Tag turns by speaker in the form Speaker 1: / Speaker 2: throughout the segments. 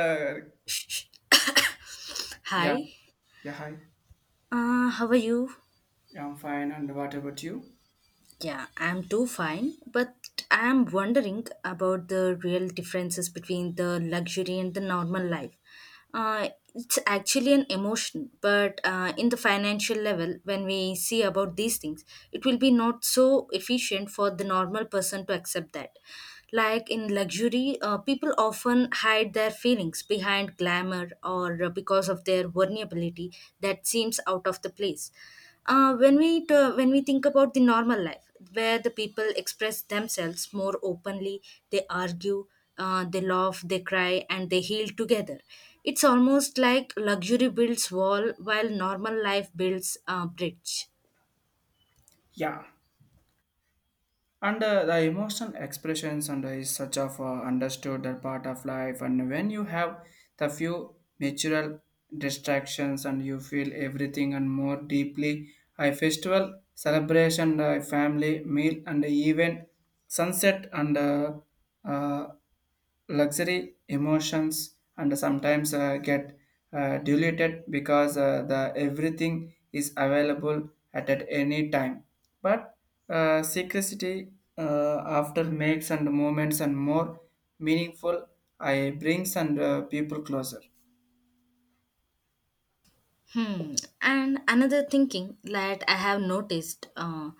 Speaker 1: Uh, yeah,
Speaker 2: Hi,
Speaker 1: yeah, hi.
Speaker 2: how are you?
Speaker 1: Yeah, I'm fine. And what about you?
Speaker 2: Yeah, I'm too fine, but I'm wondering about the real differences between the luxury and the normal life. Uh, it's actually an emotion, but in the financial level, when we see about these things, it will be not so efficient for the normal person to accept that. Like in luxury, people often hide their feelings behind glamour or because of their vulnerability that seems out of the place when we think about the normal life, where the people express themselves more openly, they argue, they laugh, they cry, and they heal together. It's almost like luxury builds wall while normal life builds a bridge.
Speaker 1: Yeah. And the emotional expressions and is such of understood that part of life. And when you have the few natural distractions and you feel everything and more deeply, a festival, celebration, a family meal, and even sunset and uh, luxury emotions and sometimes get diluted because the everything is available at any time but secrecy after makes and moments and more meaningful I brings and people closer.
Speaker 2: Hmm. And another thinking that I have noticed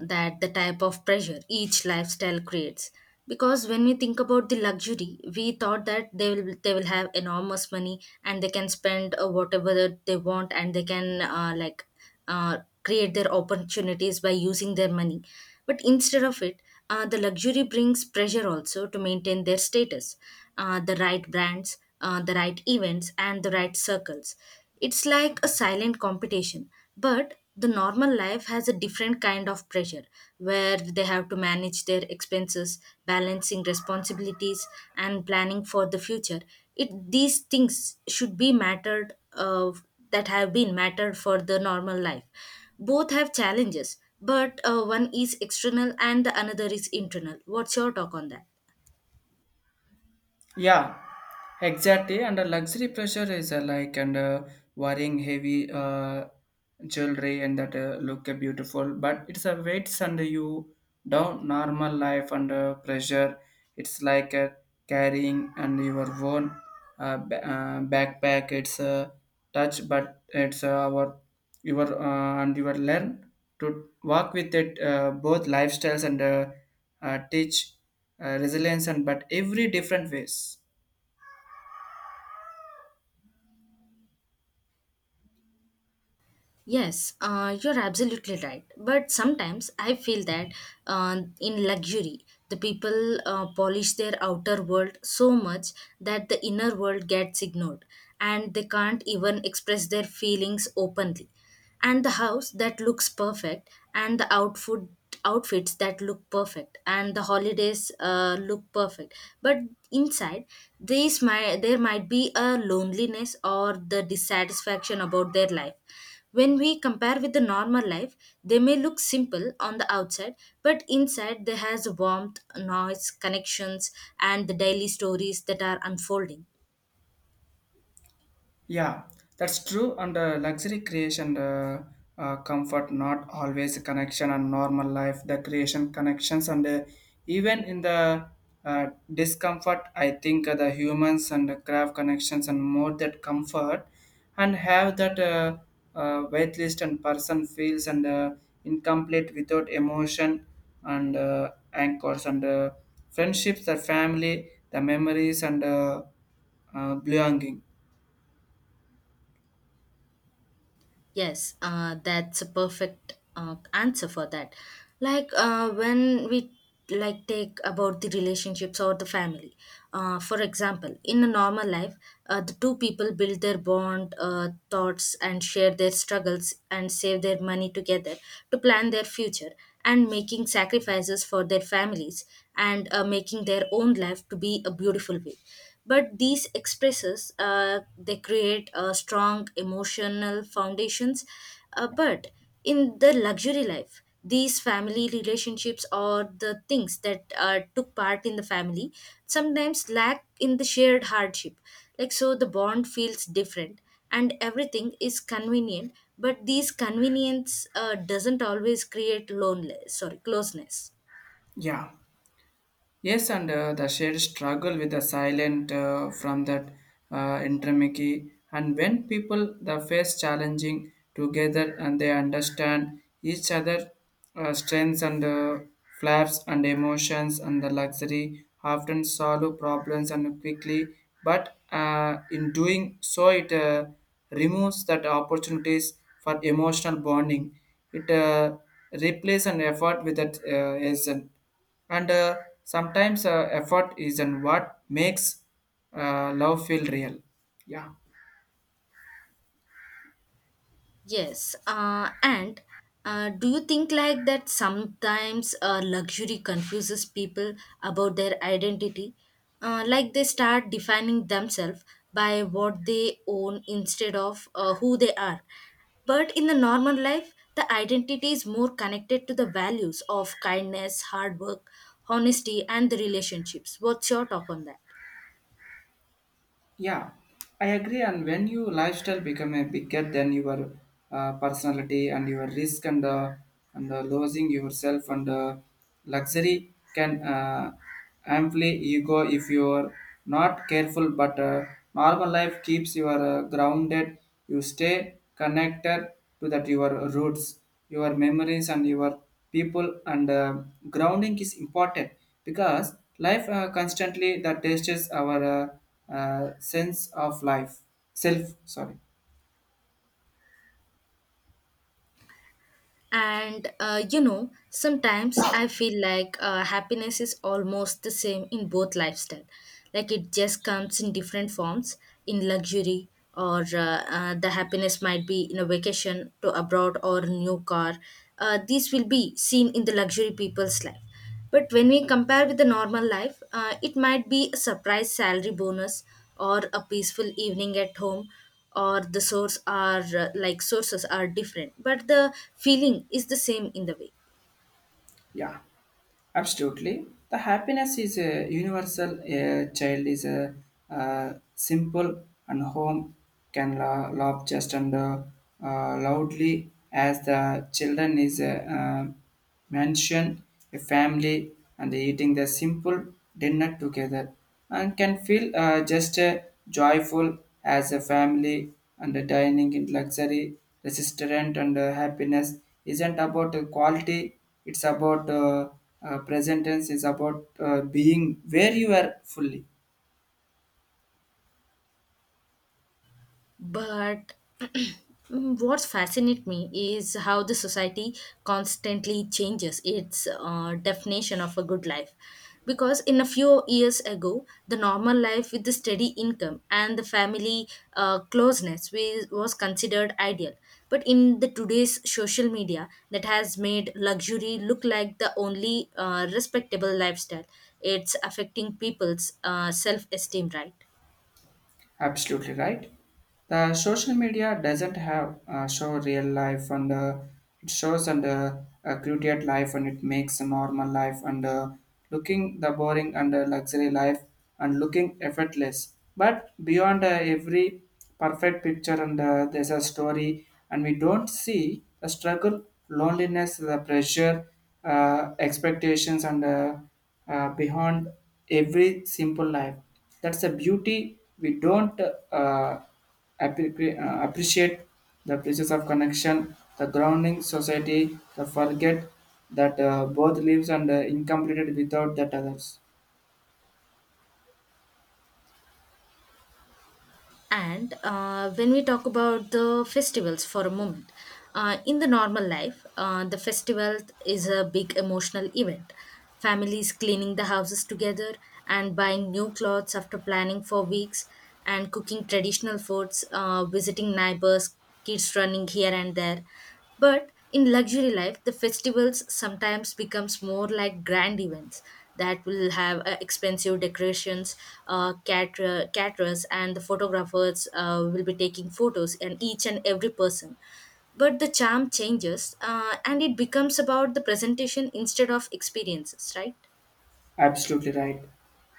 Speaker 2: that the type of pressure each lifestyle creates. Because when we think about the luxury, we thought that they will have enormous money and they can spend whatever that they want and they can like uh, create their opportunities by using their money. But instead of it, the luxury brings pressure also to maintain their status, the right brands, the right events, and the right circles. It's like a silent competition, but the normal life has a different kind of pressure where they have to manage their expenses, balancing responsibilities, and planning for the future. It, these things should be mattered of that have been mattered for the normal life, both have challenges, but one is external and the another is internal. What's your talk on that?
Speaker 1: Yeah, exactly. And the luxury pressure is like and wearing heavy jewelry and that look beautiful, but it's a weights under you down normal life under pressure. It's like carrying and your own backpack. It's touch but it's our your and you will learn to walk with it both lifestyles and teach resilience and but every different ways.
Speaker 2: Yes, you're absolutely right. But sometimes I feel that in luxury, the people polish their outer world so much that the inner world gets ignored and they can't even express their feelings openly. And the house that looks perfect and the outfits that look perfect and the holidays look perfect but inside these might there might be a loneliness or the dissatisfaction about their life. When we compare with the normal life, they may look simple on the outside, but inside there has warmth, noise, connections, and the daily stories that are unfolding.
Speaker 1: Yeah, that's true. And luxury creation, comfort, not always connection and normal life, the creation connections, and even in the uh, discomfort, I think the humans and the craft connections and more that comfort and have that wait list and person feels and incomplete without emotion and anchors and friendships, the family, the memories, and belonging.
Speaker 2: Yes, that's a perfect answer for that. Like when we like take about the relationships or the family. For example, in a normal life, the two people build their bond, thoughts, and share their struggles and save their money together to plan their future and making sacrifices for their families and making their own life to be a beautiful way, but these expresses they create a strong emotional foundations, but in the luxury life these family relationships or the things that took part in the family sometimes lack in the shared hardship, like so the bond feels different and everything is convenient, but these convenience doesn't always create lonely sorry closeness.
Speaker 1: Yeah. Yes, and the shared struggle with the silent from that intermiki. And when people the face challenging together and they understand each other strengths and flaps and emotions and the luxury often solve problems and quickly. But in doing so, it removes that opportunities for emotional bonding. It replaces an effort with that essence and sometimes effort isn't what makes love feel real, yeah.
Speaker 2: Yes, and do you think like that sometimes luxury confuses people about their identity? Like they start defining themselves by what they own instead of who they are. But in the normal life, the identity is more connected to the values of kindness, hard work, honesty, and the relationships. What's your talk on that?
Speaker 1: Yeah, I agree. And when your lifestyle become a bigger than your personality and your risk and losing yourself and luxury can amply ego if you are not careful. But normal life keeps you are grounded. You stay connected to that your roots, your memories, and your people. And grounding is important because life constantly that tests our. Sense of life self, sorry.
Speaker 2: And you know, sometimes I feel like happiness is almost the same in both lifestyle. Like it just comes in different forms, in luxury, or the happiness might be in a vacation to abroad or a new car. These will be seen in the luxury people's life, but when we compare with the normal life, it might be a surprise salary bonus or a peaceful evening at home, or the source are like sources are different but the feeling is the same in the way.
Speaker 1: Yeah. Absolutely. The happiness is a universal. A child is a, simple and home can laugh just and loudly as the children is a mansion, a family, and eating the simple dinner together and can feel just joyful as a family and dining in luxury, restaurant and happiness isn't about the quality, it's about present tense is about being where you are fully.
Speaker 2: But what fascinates me is how the society constantly changes its definition of a good life. Because in a few years ago, the normal life with the steady income and the family closeness was considered ideal. But in the today's social media, that has made luxury look like the only respectable lifestyle. It's affecting people's self-esteem, right?
Speaker 1: Absolutely right. The social media doesn't have show real life and it shows and created life and it makes a normal life and looking the boring and luxury life and looking effortless. But beyond every perfect picture and there's a story and we don't see the struggle, loneliness, the pressure, expectations and beyond every simple life. That's a beauty we don't appreciate the places of connection, the grounding society, the forget that both lives and incompleted without that others.
Speaker 2: And when we talk about the festivals for a moment, in the normal life, the festival is a big emotional event. Families cleaning the houses together and buying new clothes after planning for weeks, and cooking traditional foods, visiting neighbors, kids running here and there. But in luxury life, the festivals sometimes becomes more like grand events that will have expensive decorations, caterers, and the photographers will be taking photos, and each and every person, but the charm changes and it becomes about the presentation instead of experiences, right?
Speaker 1: Absolutely right.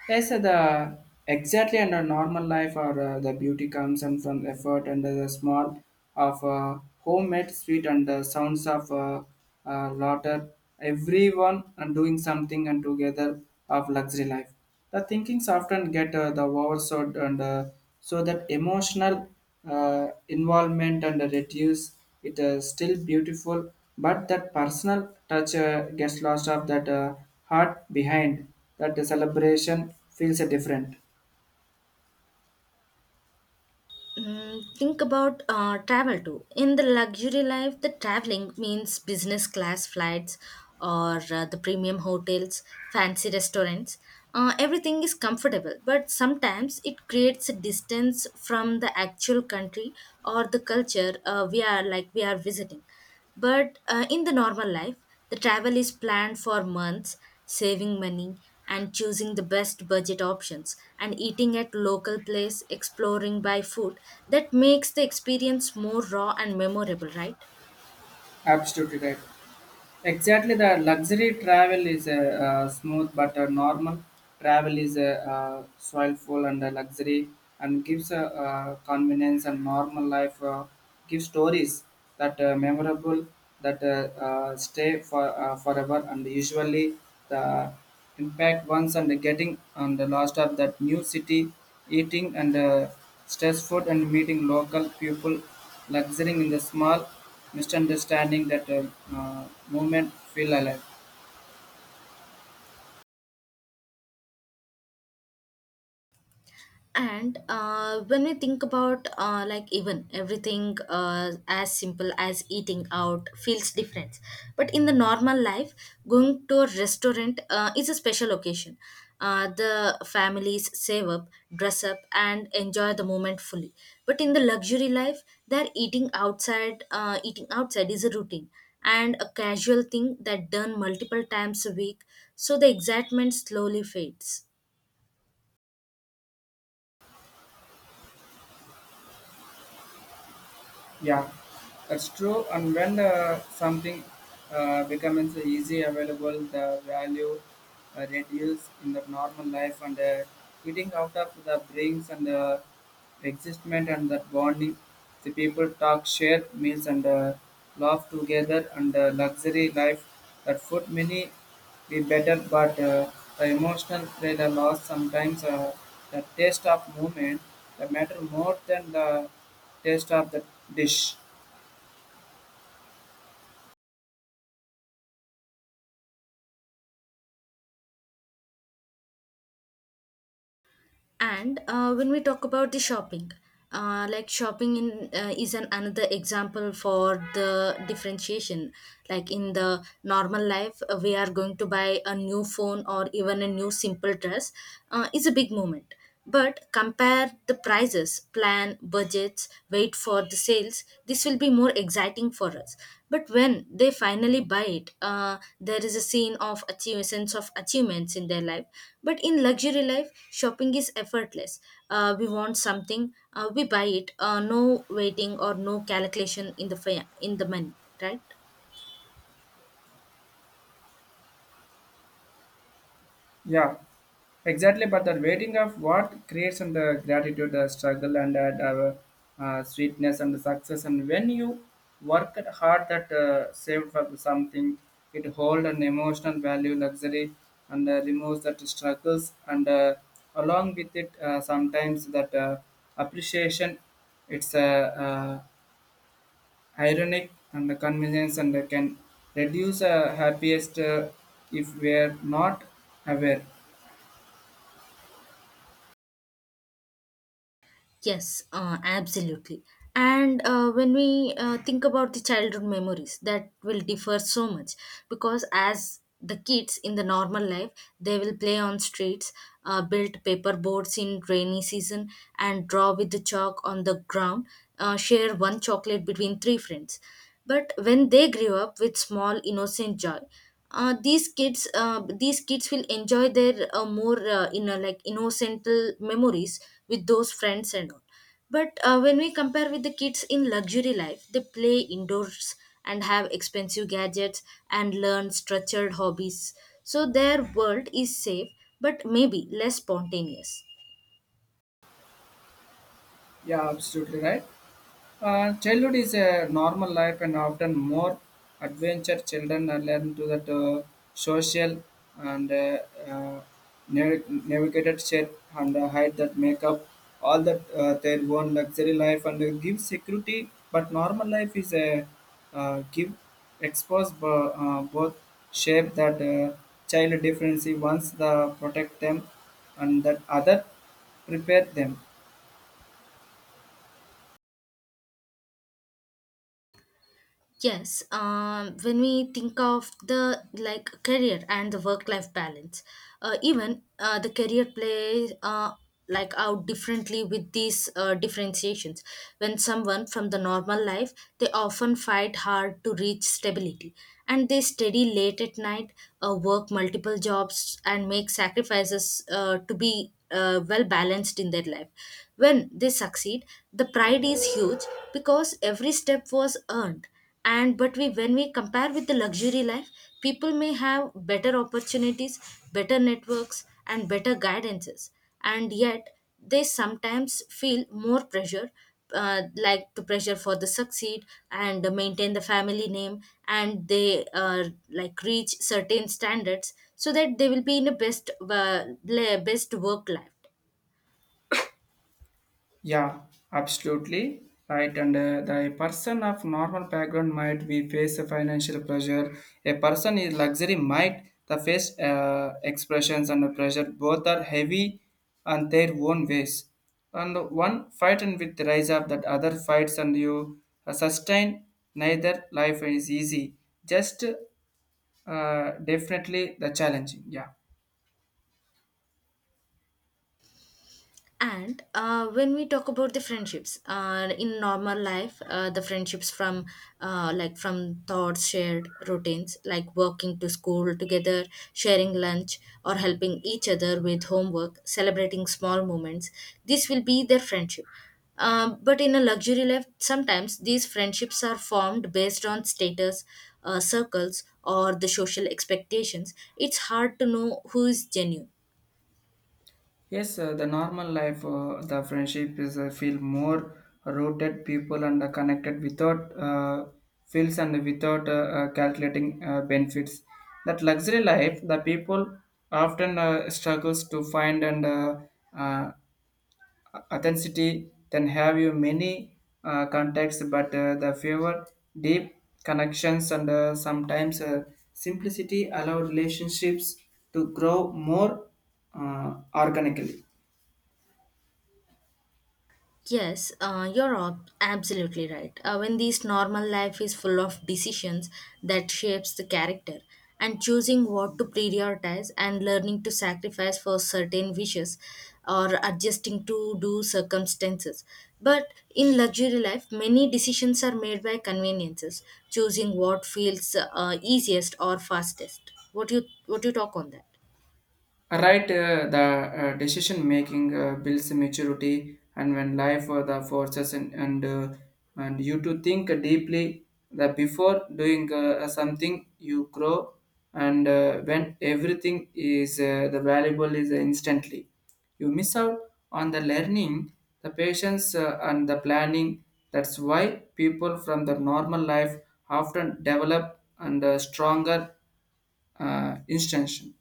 Speaker 1: Yes, sir, the exactly under normal life or the beauty comes and from effort and the small of homemade sweet and the sounds of laughter. Everyone and doing something and together of luxury life. The thinkings often get the overshot and so that emotional involvement and reduce it is still beautiful but that personal touch gets lost of that heart behind that the celebration feels different.
Speaker 2: Mm, think about travel too. In the luxury life, the traveling means business class flights or the premium hotels, fancy restaurants. Everything is comfortable, but sometimes it creates a distance from the actual country or the culture we are visiting. But in the normal life, the travel is planned for months, saving money and choosing the best budget options and eating at local place, exploring by food. That makes the experience more raw and memorable, right?
Speaker 1: Absolutely right. Exactly, the luxury travel is a, smooth, but a normal travel is a, soilful and a luxury, and gives a, convenience and normal life. Gives stories that memorable, that stay for forever, and usually the impact once and getting on the last of that new city, eating and stress food and meeting local people luxurying in the small misunderstanding that movement feel alive.
Speaker 2: And when we think about like even everything as simple as eating out feels different, but in the normal life going to a restaurant is a special occasion. The families save up, dress up and enjoy the moment fully, but in the luxury life they're eating outside is a routine and a casual thing that done multiple times a week, so the excitement slowly fades.
Speaker 1: Yeah, that's true. And when something becomes easy available, the value reduce in the normal life and eating out of the brings and the existment and that bonding. The people talk, share meals and laugh together and luxury life that food many be better, but the emotional thrill lost sometimes the taste of movement that matter more than the taste of the dish.
Speaker 2: And when we talk about the shopping, like shopping in is an another example for the differentiation. Like in the normal life, we are going to buy a new phone or even a new simple dress. Is a big moment, but compare the prices, plan, budgets, wait for the sales. This will be more exciting for us. But when they finally buy it, there is a scene of achieve, sense of achievements in their life. But in luxury life, shopping is effortless. We want something, we buy it. No waiting or no calculation in in the money, right?
Speaker 1: Yeah. Exactly, but that waiting of what creates and the gratitude, the struggle and that sweetness and the success. And when you work at hard that saved for something, it hold an emotional value, luxury, and removes that struggles. And along with it, sometimes that appreciation, it's ironic and the convenience and can reduce happiest if we are not aware.
Speaker 2: Yes, absolutely. And when we think about the childhood memories, that will differ so much because as the kids in the normal life, they will play on streets, build paper boards in rainy season, and draw with the chalk on the ground, share one chocolate between three friends. But when they grew up with small innocent joy, these kids will enjoy their more you know like innocent memories with those friends and all, but when we compare with the kids in luxury life they play indoors and have expensive gadgets and learn structured hobbies, so their world is safe but maybe less spontaneous.
Speaker 1: Yeah, absolutely right. Childhood is a normal life, and often more adventure children are learn to that social and uh, navigated share and hide that make up all that their own luxury life and give security. But normal life is a give expose both shape that child difference once the protect them and that other prepare them.
Speaker 2: Yes, when we think of the like career and the work-life balance, even the career plays like out differently with these differentiations. When someone from the normal life, they often fight hard to reach stability, and they study late at night, work multiple jobs, and make sacrifices to be well balanced in their life. When they succeed, the pride is huge because every step was earned, and but we when we compare with the luxury life, people may have better opportunities, better networks and better guidances, and yet they sometimes feel more pressure, like to pressure for the succeed and maintain the family name, and they like reach certain standards so that they will be in a best best work life.
Speaker 1: Yeah, absolutely right. And the person of normal background might be face a financial pressure. A person in luxury might the face expressions and the pressure both are heavy and their own ways. And one fight and with the rise of that other fights and you sustain neither life is easy. Just definitely the challenging. Yeah.
Speaker 2: And when we talk about the friendships in normal life, the friendships from like from thoughts, shared routines, like walking to school together, sharing lunch, or helping each other with homework, celebrating small moments. This will be their friendship. But in a luxury life, sometimes these friendships are formed based on status, circles, or the social expectations. It's hard to know who is genuine.
Speaker 1: Yes, the normal life, the friendship is feel more rooted people and connected without feels and without calculating benefits. That luxury life, the people often struggles to find and uh, authenticity. Then have you many contacts, but the fewer deep connections and sometimes simplicity allow relationships to grow more organically.
Speaker 2: Yes, absolutely right. When this normal life is full of decisions that shapes the character and choosing what to prioritize and learning to sacrifice for certain wishes or adjusting to do circumstances. But in luxury life, many decisions are made by conveniences, choosing what feels easiest or fastest. What you talk on that?
Speaker 1: Right, the decision making builds maturity, and when life the forces and you to think deeply. That before doing something, you grow, and when everything is the valuable is instantly, you miss out on the learning, the patience, and the planning. That's why people from the normal life often develop and stronger instruction.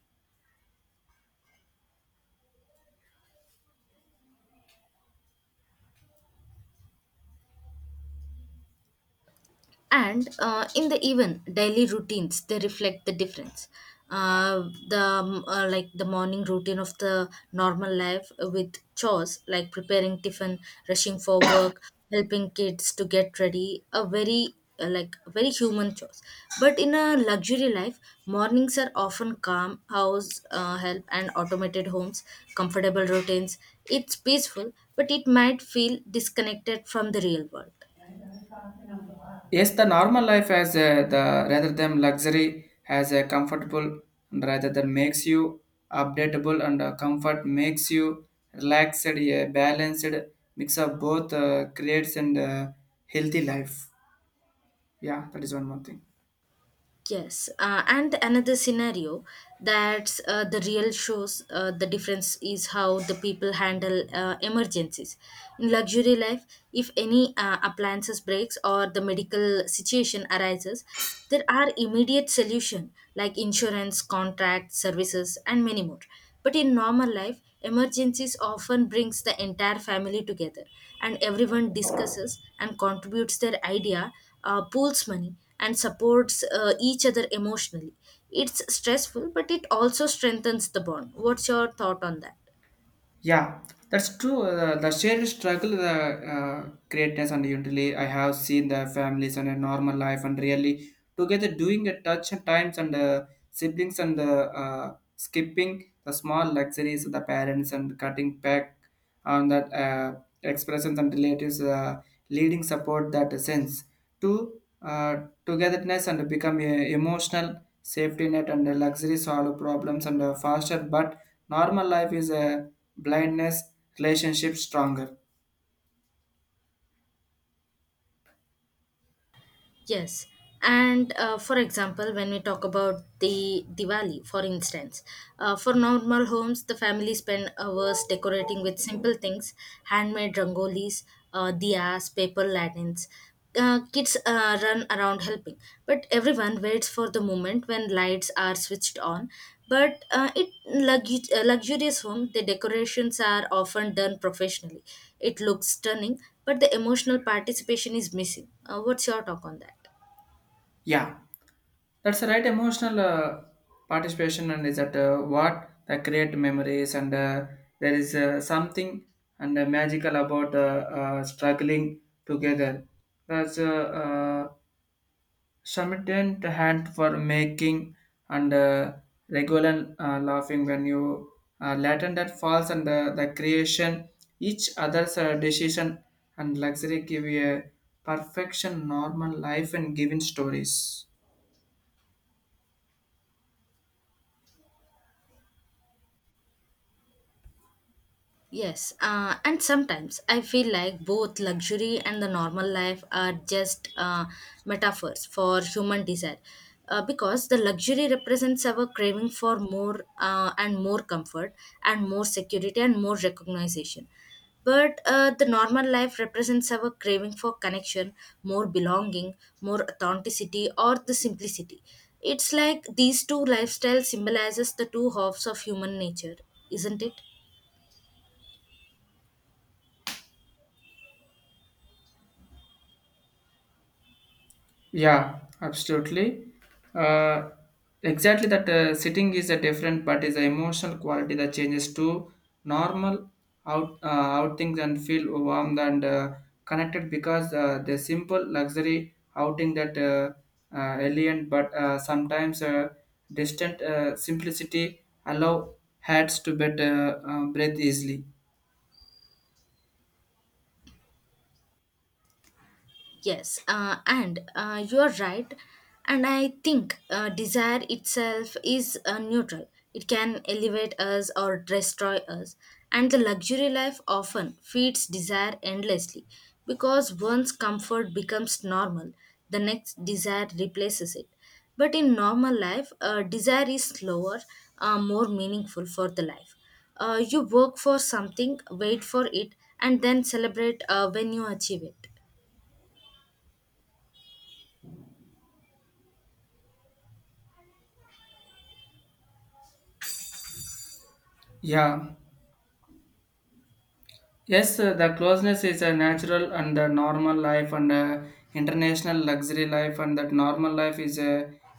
Speaker 2: And In the even daily routines they reflect the difference. Uh, the Like the morning routine of the normal life with chores like preparing tiffin, rushing for work, helping kids to get ready, a very like very human chores. But in a luxury life, mornings are often calm house help and automated homes, comfortable routines. It's peaceful but it might feel disconnected from the real world.
Speaker 1: Yes, the normal life has a, the rather than luxury has a comfortable and rather than makes you updatable and comfort makes you relaxed, a balanced mix of both creates and healthy life. Yeah, that is one more thing.
Speaker 2: Yes, and another scenario that's the real shows the difference is how the people handle emergencies. In luxury life, if any appliances breaks or the medical situation arises, there are immediate solution like insurance, contract, services, and many more. But in normal life, emergencies often brings the entire family together, and everyone discusses and contributes their idea, pools money and supports each other emotionally. It's stressful, but it also strengthens the bond. What's your thought on that?
Speaker 1: Yeah, that's true. The shared struggle, the greatness, and utility. I have seen the families and a normal life, and really together doing a touch and times and siblings and skipping the small luxuries of the parents and cutting back and that expressions and relatives leading support that sense to togetherness and become a emotional safety net and a luxury solve problems and faster but normal life is a blindness relationship stronger.
Speaker 2: Yes, and for example, when we talk about the Diwali, for instance, for normal homes, the family spend hours decorating with simple things, handmade rangolis, diyas, paper lanterns. Kids run around helping, but everyone waits for the moment when lights are switched on. Luxurious home, the decorations are often done professionally. It looks stunning, but the emotional participation is missing. What's your talk on that?
Speaker 1: Yeah, that's the right emotional participation and is that what the create memories and there is something and magical about struggling together, that's Submitted hand for making and regular laughing when you Latin that falls and the creation each other's decision and luxury give you a perfection normal life and giving stories.
Speaker 2: Yes, and sometimes I feel like both luxury and the normal life are just metaphors for human desire. Because the luxury represents our craving for more and more comfort and more security and more recognition. But The normal life represents our craving for connection, more belonging, more authenticity, or the simplicity. It's like these two lifestyles symbolizes the two halves of human nature, isn't it?
Speaker 1: Yeah, absolutely. Uh, exactly that sitting is a different, but is the emotional quality that changes to normal out outings and feel warm and connected because the simple luxury outing that alien but sometimes distant simplicity allow heads to better breathe easily.
Speaker 2: Yes, and you're right. And I think desire itself is neutral. It can elevate us or destroy us. And the luxury life often feeds desire endlessly because once comfort becomes normal, the next desire replaces it. But in normal life, desire is slower, more meaningful for the life. You work for something, wait for it, and then celebrate when you achieve it.
Speaker 1: Yeah. Yes, the closeness is a natural and the normal life and international luxury life and that normal life is a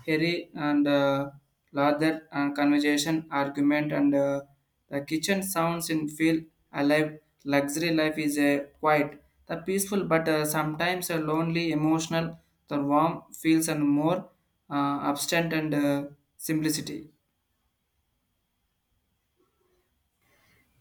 Speaker 1: hairy and larger conversation, argument and the kitchen sounds in feel alive. Luxury life is a quiet, the peaceful but sometimes a lonely, emotional, the warm feels and more absent and simplicity.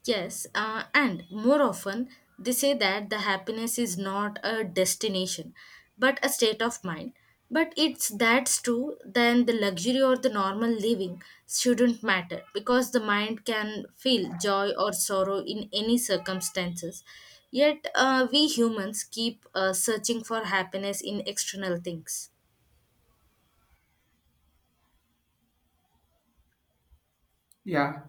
Speaker 2: Yes, and more often they say that the happiness is not a destination but a state of mind. But it's that's true, then the luxury or the normal living shouldn't matter because the mind can feel joy or sorrow in any circumstances. Yet, we humans keep searching for happiness in external things.
Speaker 1: Yeah.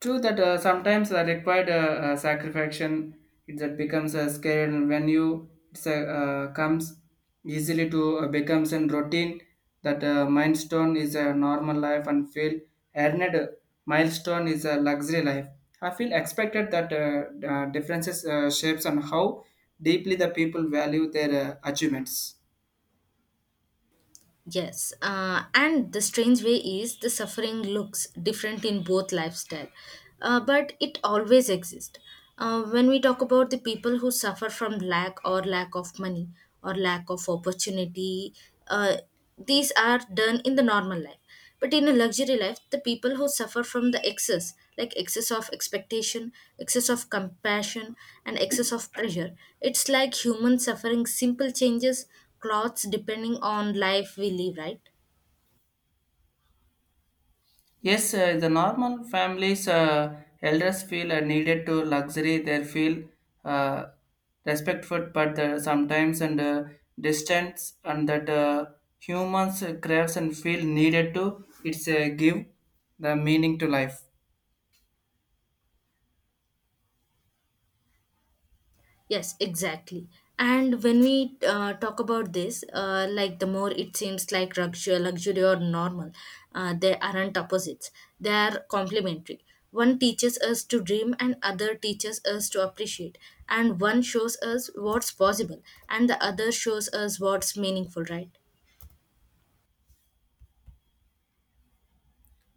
Speaker 1: True that sometimes the required sacrification it that becomes a scale and when you it's a, comes easily to becomes a routine that milestone is a normal life and feel earned milestone is a luxury life. I feel expected that differences shapes on how deeply the people value their achievements.
Speaker 2: Yes, and the strange way is the suffering looks different in both lifestyle, but it always exists. When we talk about the people who suffer from lack or lack of money or lack of opportunity, uh, these are done in the normal life. But in a luxury life, the people who suffer from the excess, like excess of expectation, excess of compassion, and excess of pressure, it's like human suffering simple changes, clothes depending on life we live, right?
Speaker 1: Yes, the normal families, elders feel needed to luxury. They feel uh, respectful, but sometimes and distance, and that humans craves and feel needed to. It's give the meaning to life.
Speaker 2: Yes, exactly. And when we talk about this, like the more it seems like luxury, luxury or normal, they aren't opposites. They are complementary. One teaches us to dream, and other teaches us to appreciate. And one shows us what's possible, and the other shows us what's meaningful, right?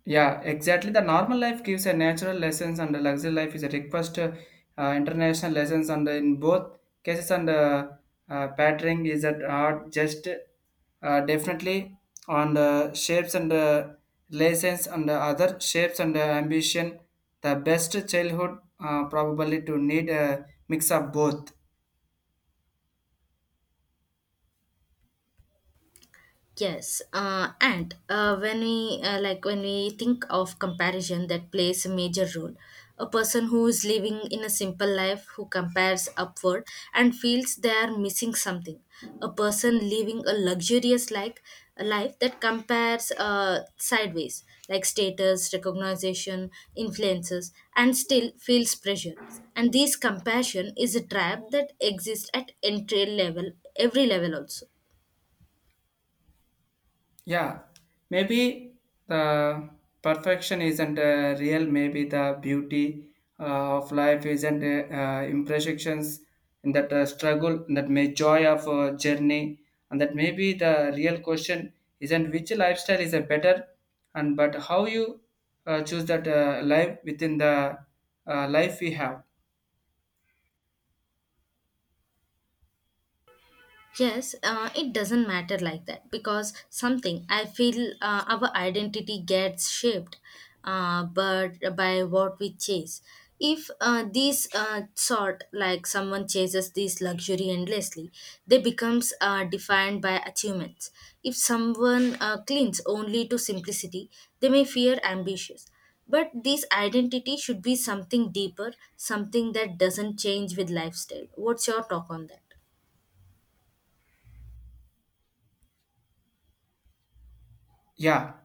Speaker 1: Yeah, exactly. The normal life gives a natural lessons, and the luxury life is a request international lessons. And in both cases, and patterning is at art just definitely on the shapes and lessons and the other shapes and ambition. The best childhood probably to need a mix of both.
Speaker 2: Yes, and when we like when we think of comparison, that plays a major role. A person who is living in a simple life who compares upward and feels they are missing something. A person living a luxurious like a life that compares sideways, like status, recognition, influences, and still feels pressure. And this compassion is a trap that exists at entry level, every level also.
Speaker 1: Yeah, maybe the perfection isn't real. Maybe the beauty of life isn't imperfections and that struggle and that may joy of journey and that maybe the real question isn't which lifestyle is a better and but how you choose that life within the life we have.
Speaker 2: Yes, it doesn't matter like that because something I feel our identity gets shaped, but by what we chase. If these sort like someone chases this luxury endlessly, they becomes defined by achievements. If someone clings only to simplicity, they may fear ambitious. But this identity should be something deeper, something that doesn't change with lifestyle. What's your talk on that?
Speaker 1: Yeah,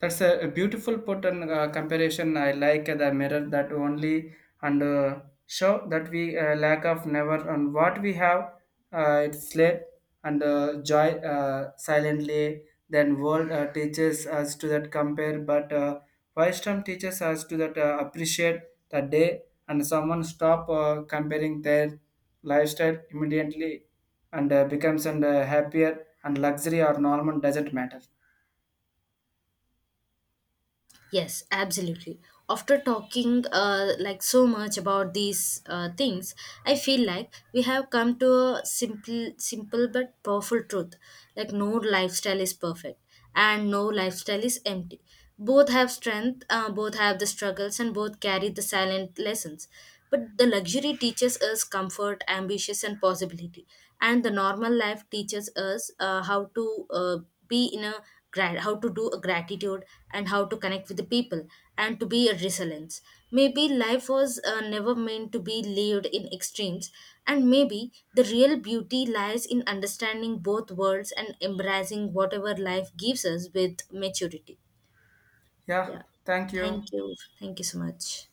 Speaker 1: that's a beautiful put and comparison. I like the mirror that only and show that we lack of never and what we have. It's late and joy silently. Then world teaches us to that compare, but wisdom teaches us to that appreciate the day. And someone stop comparing their lifestyle immediately and becomes and happier and luxury or normal doesn't matter.
Speaker 2: Yes, absolutely. After talking like so much about these things, I feel like we have come to a simple but powerful truth. Like no lifestyle is perfect, and no lifestyle is empty. Both have strength, both have the struggles, and both carry the silent lessons. But the luxury teaches us comfort, ambition, and possibility, and the normal life teaches us how to. Be in a how to do a gratitude, and how to connect with the people, and to be a resilience. Maybe life was never meant to be lived in extremes, and maybe the real beauty lies in understanding both worlds and embracing whatever life gives us with maturity.
Speaker 1: Yeah,
Speaker 2: Yeah,
Speaker 1: thank you.
Speaker 2: thank you. Thank you so much.